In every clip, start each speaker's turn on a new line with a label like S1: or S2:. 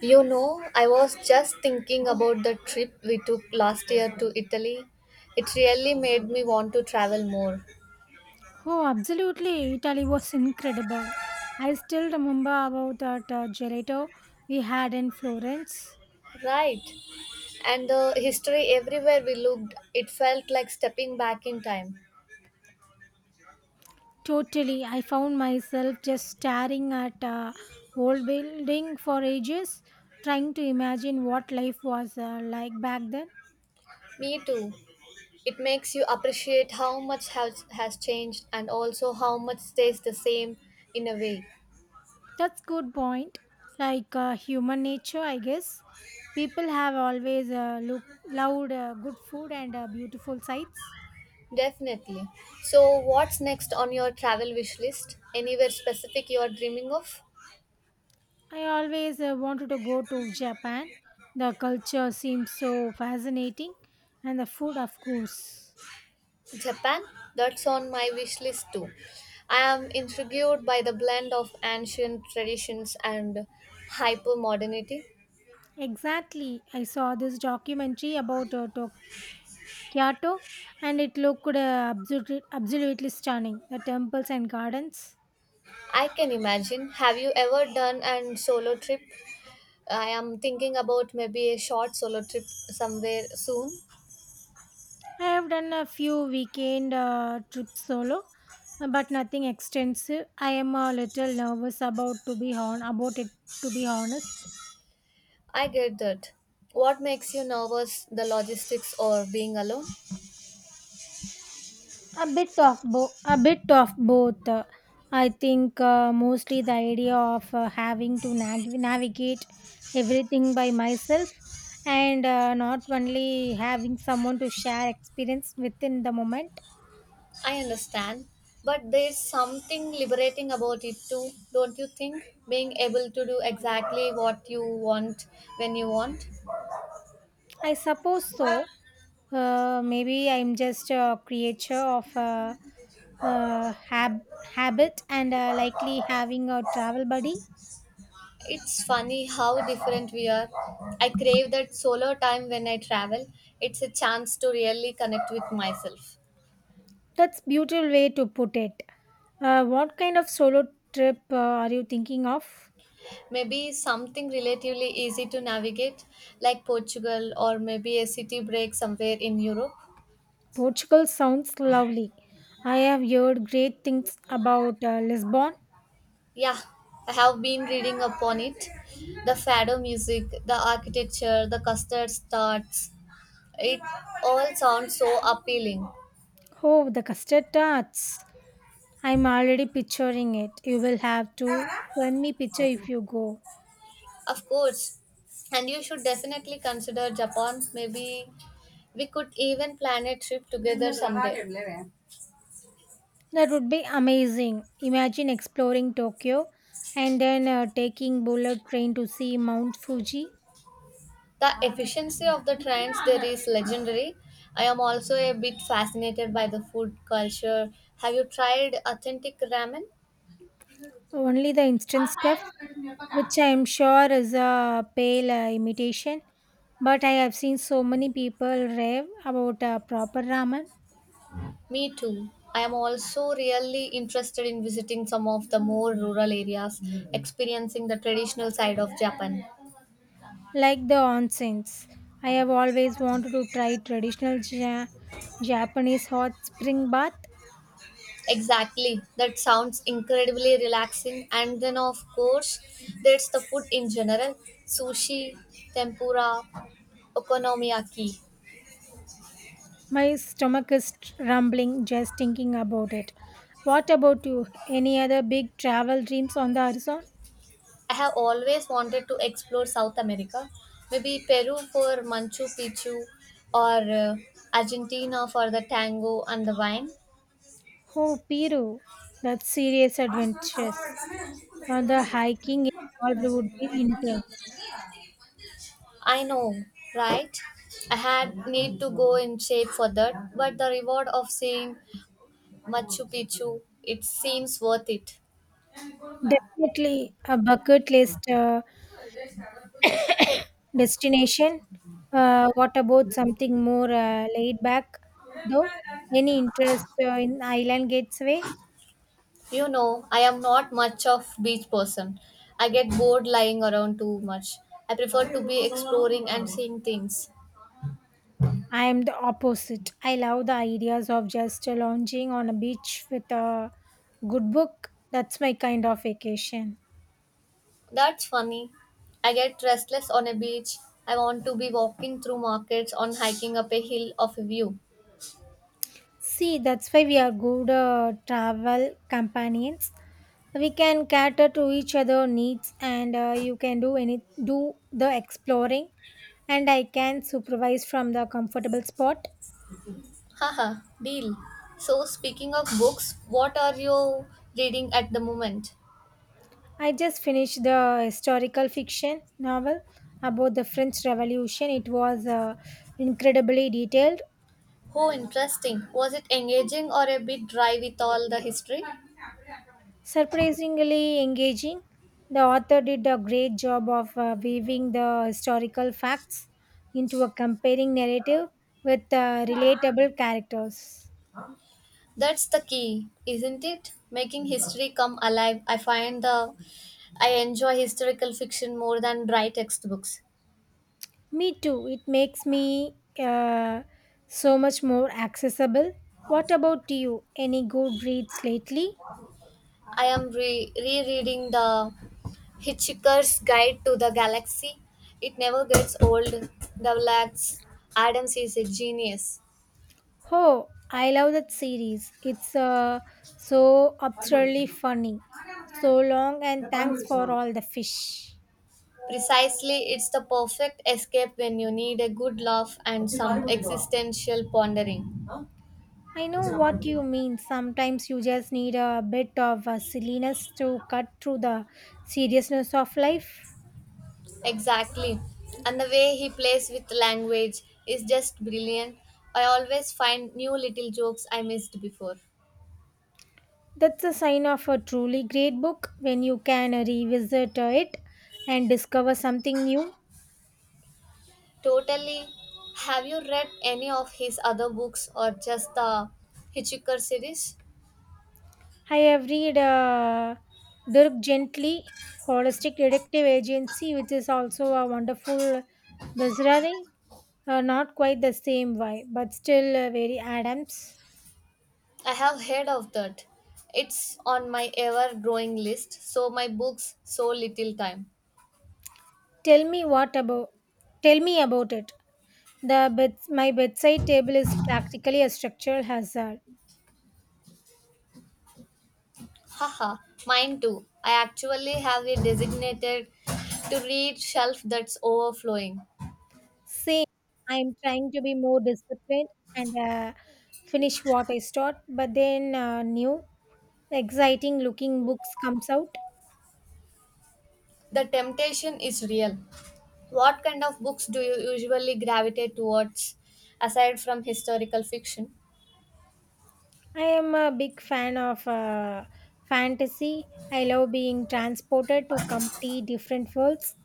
S1: You know, I was just thinking about the trip we took last year to Italy. It really made me want to travel more.
S2: Oh, absolutely. Italy was incredible. I still remember about that gelato we had in Florence.
S1: Right. And the history everywhere we looked, it felt like stepping back in time.
S2: Totally. I found myself just staring at old building for ages, trying to imagine what life was like back then.
S1: Me too. It makes you appreciate how much has changed and also how much stays the same in a way.
S2: That's good point. Like human nature, I guess. People have always loved good food and beautiful sights.
S1: Definitely. So, what's next on your travel wish list? Anywhere specific you are dreaming of?
S2: I always wanted to go to Japan. The culture seems so fascinating, and the food, of course.
S1: Japan, that's on my wish list too. I am intrigued by the blend of ancient traditions and hyper modernity.
S2: Exactly. I saw this documentary about Kyoto, and it looked absolutely stunning. The temples and gardens.
S1: I can imagine. Have you ever done an solo trip? I am thinking about maybe a short solo trip somewhere soon.
S2: I have done a few weekend trips solo, but nothing extensive. I am a little nervous about to be on about it. To be honest.
S1: I get that. What makes you nervous, the logistics or being alone?
S2: A bit of both a bit of both I think mostly the idea of having to navigate everything by myself and not only having someone to share experience within the moment.
S1: I understand, but there's something liberating about it too, don't you think? Being able to do exactly what you want when you want.
S2: I suppose so. Maybe I'm just a creature of uh, hab- habit and likely having a travel buddy.
S1: It's funny how different we are. I crave that solo time when I travel. It's a chance to really connect with myself.
S2: That's beautiful way to put it. What kind of solo trip are you thinking of?
S1: Maybe something relatively easy to navigate, like Portugal, or maybe a city break somewhere in Europe.
S2: Portugal sounds lovely. I have heard great things about Lisbon.
S1: Yeah, I have been reading upon it. The fado music, the architecture, the custard starts. It all sounds so appealing.
S2: Oh, the custard tarts. I'm already picturing it. You will have to send me picture if you go.
S1: Of course. And you should definitely consider Japan. Maybe we could even plan a trip together someday.
S2: That would be amazing. Imagine exploring Tokyo and then taking bullet train to see Mount Fuji.
S1: The efficiency of the trains there is legendary. I am also a bit fascinated by the food culture. Have you tried authentic ramen?
S2: Only the instant stuff, which I'm sure is a pale imitation. But I have seen so many people rave about proper ramen,
S1: Me too. I am also really interested in visiting some of the more rural areas, experiencing the traditional side of Japan.
S2: like the onsens. I have always wanted to try traditional Japanese hot spring bath.
S1: Exactly. That sounds incredibly relaxing. And then, of course, there's the food in general: sushi, tempura, okonomiyaki.
S2: My stomach is rumbling just thinking about it. What about you? Any other big travel dreams on the horizon?
S1: I have always wanted to explore South America, maybe Peru for Manchu Picchu or uh, Argentina for the tango and the wine.
S2: Oh, Peru. That's serious adventures. Well, the hiking involved would be intense.
S1: I know, right? I had need to go in shape for that, but the reward of seeing Machu Picchu, it seems worth it.
S2: Definitely a bucket list destination. What about something more laid back, though? Any interest in island gateway?
S1: You know, I am not much of beach person. I get bored lying around too much. I prefer to be exploring and seeing things.
S2: I am the opposite. I love the ideas of just lounging on a beach with a good book. That's my kind of vacation.
S1: That's funny. I get restless on a beach. I want to be walking through markets on hiking up a hill of a view.
S2: See, that's why we are good travel companions. We can cater to each other needs, and you can do the exploring and I can supervise from the comfortable spot.
S1: Haha, deal. So speaking of books, what are you reading at the moment?
S2: I just finished the historical fiction novel about the French Revolution. It was incredibly detailed,
S1: Oh, interesting. Was it engaging or a bit dry with all the history?
S2: surprisingly engaging. The author did a great job of weaving the historical facts into a compelling narrative with relatable characters.
S1: That's the key, isn't it? Making history come alive. I find the I enjoy historical fiction more than dry textbooks.
S2: Me too. It makes me so much more accessible. What about you? Any good reads lately?
S1: I am rereading the Hitchhiker's Guide to the Galaxy. It never gets old. Douglas Adams is a genius.
S2: Oh, I love that series. It's so absurdly funny. So long, and thanks for all the fish.
S1: Precisely, it's the perfect escape when you need a good laugh and some existential pondering.
S2: I know what you mean. Sometimes you just need a bit of silliness to cut through the seriousness of life.
S1: Exactly. And the way he plays with language is just brilliant. I always find new little jokes I missed before.
S2: That's a sign of a truly great book when you can revisit it and discover something new.
S1: Totally. Have you read any of his other books or just the Hitchhiker series?
S2: I have read Dirk Gently, Holistic Detective Agency, which is also a wonderful bizarre. Not quite the same why, but still very Adams.
S1: I have heard of that. It's on my ever growing list, so my books so little time.
S2: Tell me what about? Tell me about it. My bedside table is practically a structural hazard.
S1: Haha, mine too. I actually have a designated to read shelf that's overflowing.
S2: Same. I'm trying to be more disciplined and finish what I start, but then new, exciting looking books comes out.
S1: The temptation is real. What kind of books do you usually gravitate towards aside from historical fiction?
S2: I am a big fan of fantasy. I love being transported to complete different worlds.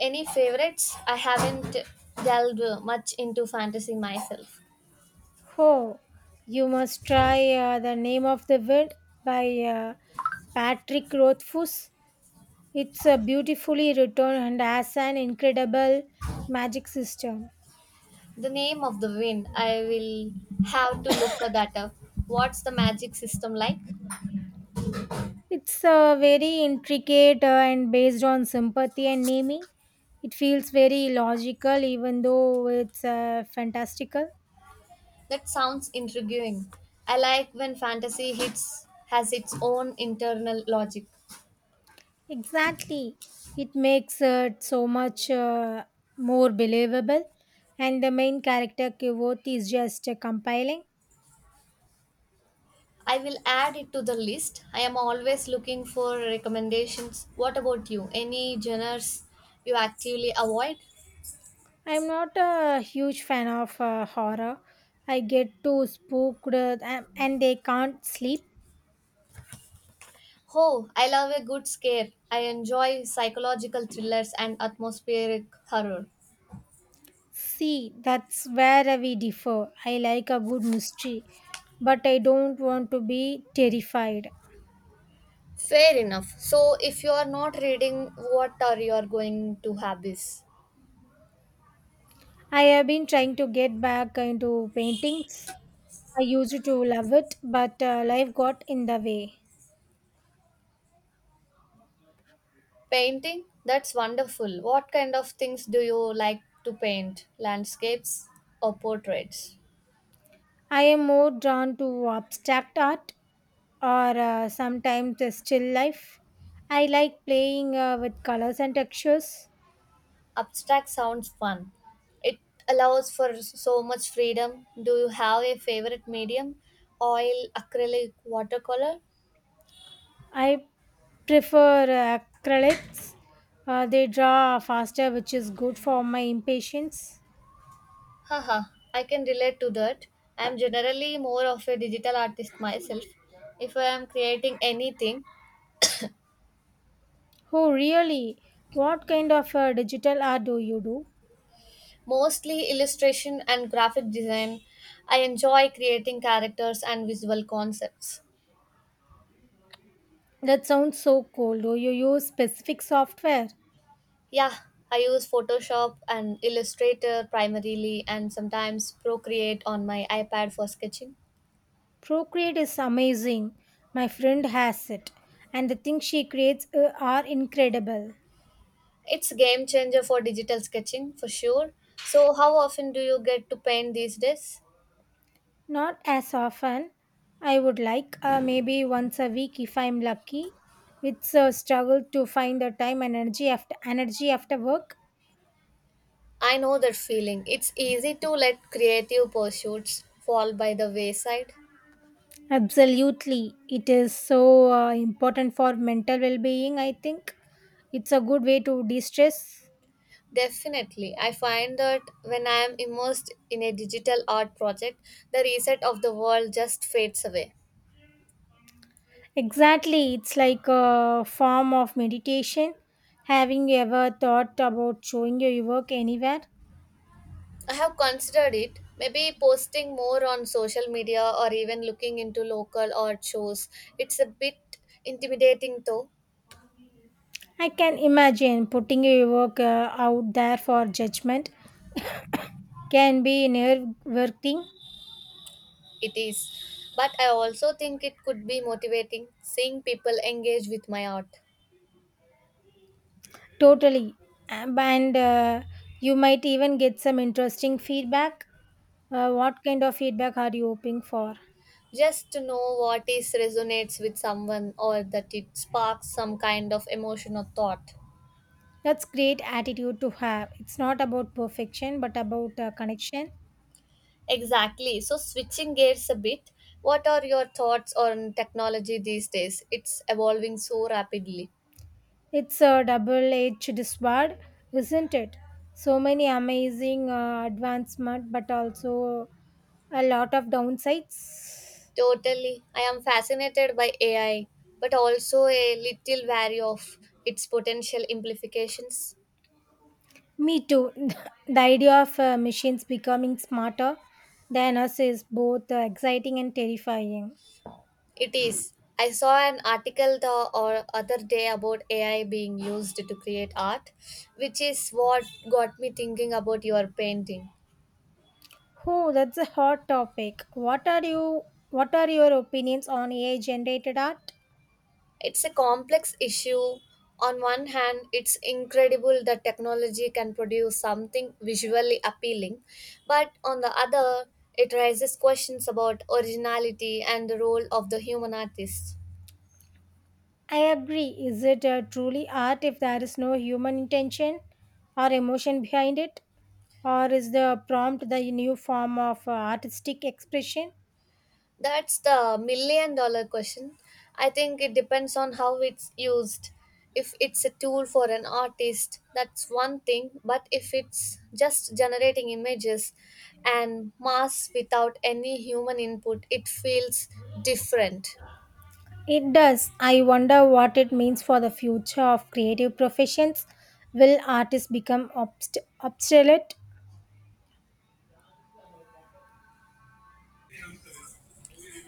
S1: Any favorites? I haven't delved much into fantasy myself.
S2: Oh, you must try The Name of the Wind by Patrick Rothfuss. It's a beautifully written and has an incredible magic system.
S1: The Name of the Wind, I will have to look that up. What's the magic system like?
S2: It's very intricate and based on sympathy and naming. It feels very logical, even though it's fantastical.
S1: That sounds intriguing. I like when fantasy hits has its own internal logic.
S2: Exactly. It makes it so much more believable. And the main character, Kivothi, is just compiling.
S1: I will add it to the list. I am always looking for recommendations. What about you? Any genres you actively avoid?
S2: I'm not a huge fan of horror. I get too spooked and they can't sleep.
S1: Oh, I love a good scare. I enjoy psychological thrillers and atmospheric horror.
S2: See, that's where we differ. I like a good mystery, but I don't want to be terrified.
S1: Fair enough. So, if you are not reading, what are you are going to hobbies?
S2: I have been trying to get back into paintings. I used to love it, but life got in the way.
S1: Painting? That's wonderful. What kind of things do you like to paint? Landscapes or portraits?
S2: I am more drawn to abstract art or sometimes a still life. I like playing with colors and textures.
S1: Abstract sounds fun. It allows for so much freedom. Do you have a favorite medium? Oil, acrylic, watercolor?
S2: I prefer acrylics. They draw faster, which is good for my impatience.
S1: Haha, I can relate to that. I am generally more of a digital artist myself. If I am creating anything,
S2: Oh, really? What kind of digital art do you do?
S1: mostly illustration and graphic design, I enjoy creating characters and visual concepts.
S2: That sounds so cool. Do you use specific software?
S1: Yeah, I use Photoshop and Illustrator primarily and sometimes Procreate on my iPad for sketching.
S2: Procreate is amazing. My friend has it, and the things she creates are incredible.
S1: It's a game changer for digital sketching for sure. So, how often do you get to paint these days?
S2: Not as often. I would like maybe once a week if I'm lucky. It's a struggle to find the time and energy after work.
S1: I know that feeling. It's easy to let creative pursuits fall by the wayside.
S2: Absolutely. It is so important for mental well-being, I think. It's a good way to de-stress.
S1: Definitely. I find that when I am immersed in a digital art project, the reset of the world just fades away.
S2: Exactly. It's like a form of meditation. Having you ever thought about showing your work anywhere?
S1: I have considered it, maybe posting more on social media or even looking into local art shows. It's a bit intimidating though.
S2: I can imagine putting your work out there for judgment can be nerve-wracking.
S1: It is, but I also think it could be motivating seeing people engage with my art.
S2: Totally. And you might even get some interesting feedback. What kind of feedback are you hoping for?
S1: Just to know what is resonates with someone or that it sparks some kind of emotion or thought.
S2: That's great attitude to have. It's not about perfection but about connection.
S1: Exactly. So switching gears a bit, what are your thoughts on technology these days? It's evolving so rapidly.
S2: It's a double-edged sword, isn't it? So many amazing advancement but also a lot of downsides.
S1: Totally. I am fascinated by AI, but also a little wary of its potential implications.
S2: Me too. The idea of machines becoming smarter than us is both exciting and terrifying.
S1: It is. I saw an article the or other day about AI being used to create art, which is what got me thinking about your painting.
S2: Oh, that's a hot topic. What are your opinions on AI-generated art?
S1: It's a complex issue. On one hand, it's incredible that technology can produce something visually appealing, but on the other, it raises questions about originality and the role of the human artist.
S2: I agree. Is it truly art if there is no human intention or emotion behind it, or is the prompt the new form of artistic expression?
S1: That's the million dollar question. I think it depends on how it's used. If it's a tool for an artist, that's one thing, but if it's just generating images and mass without any human input, it feels different.
S2: It does. I wonder what it means for the future of creative professions. Will artists become obsolete?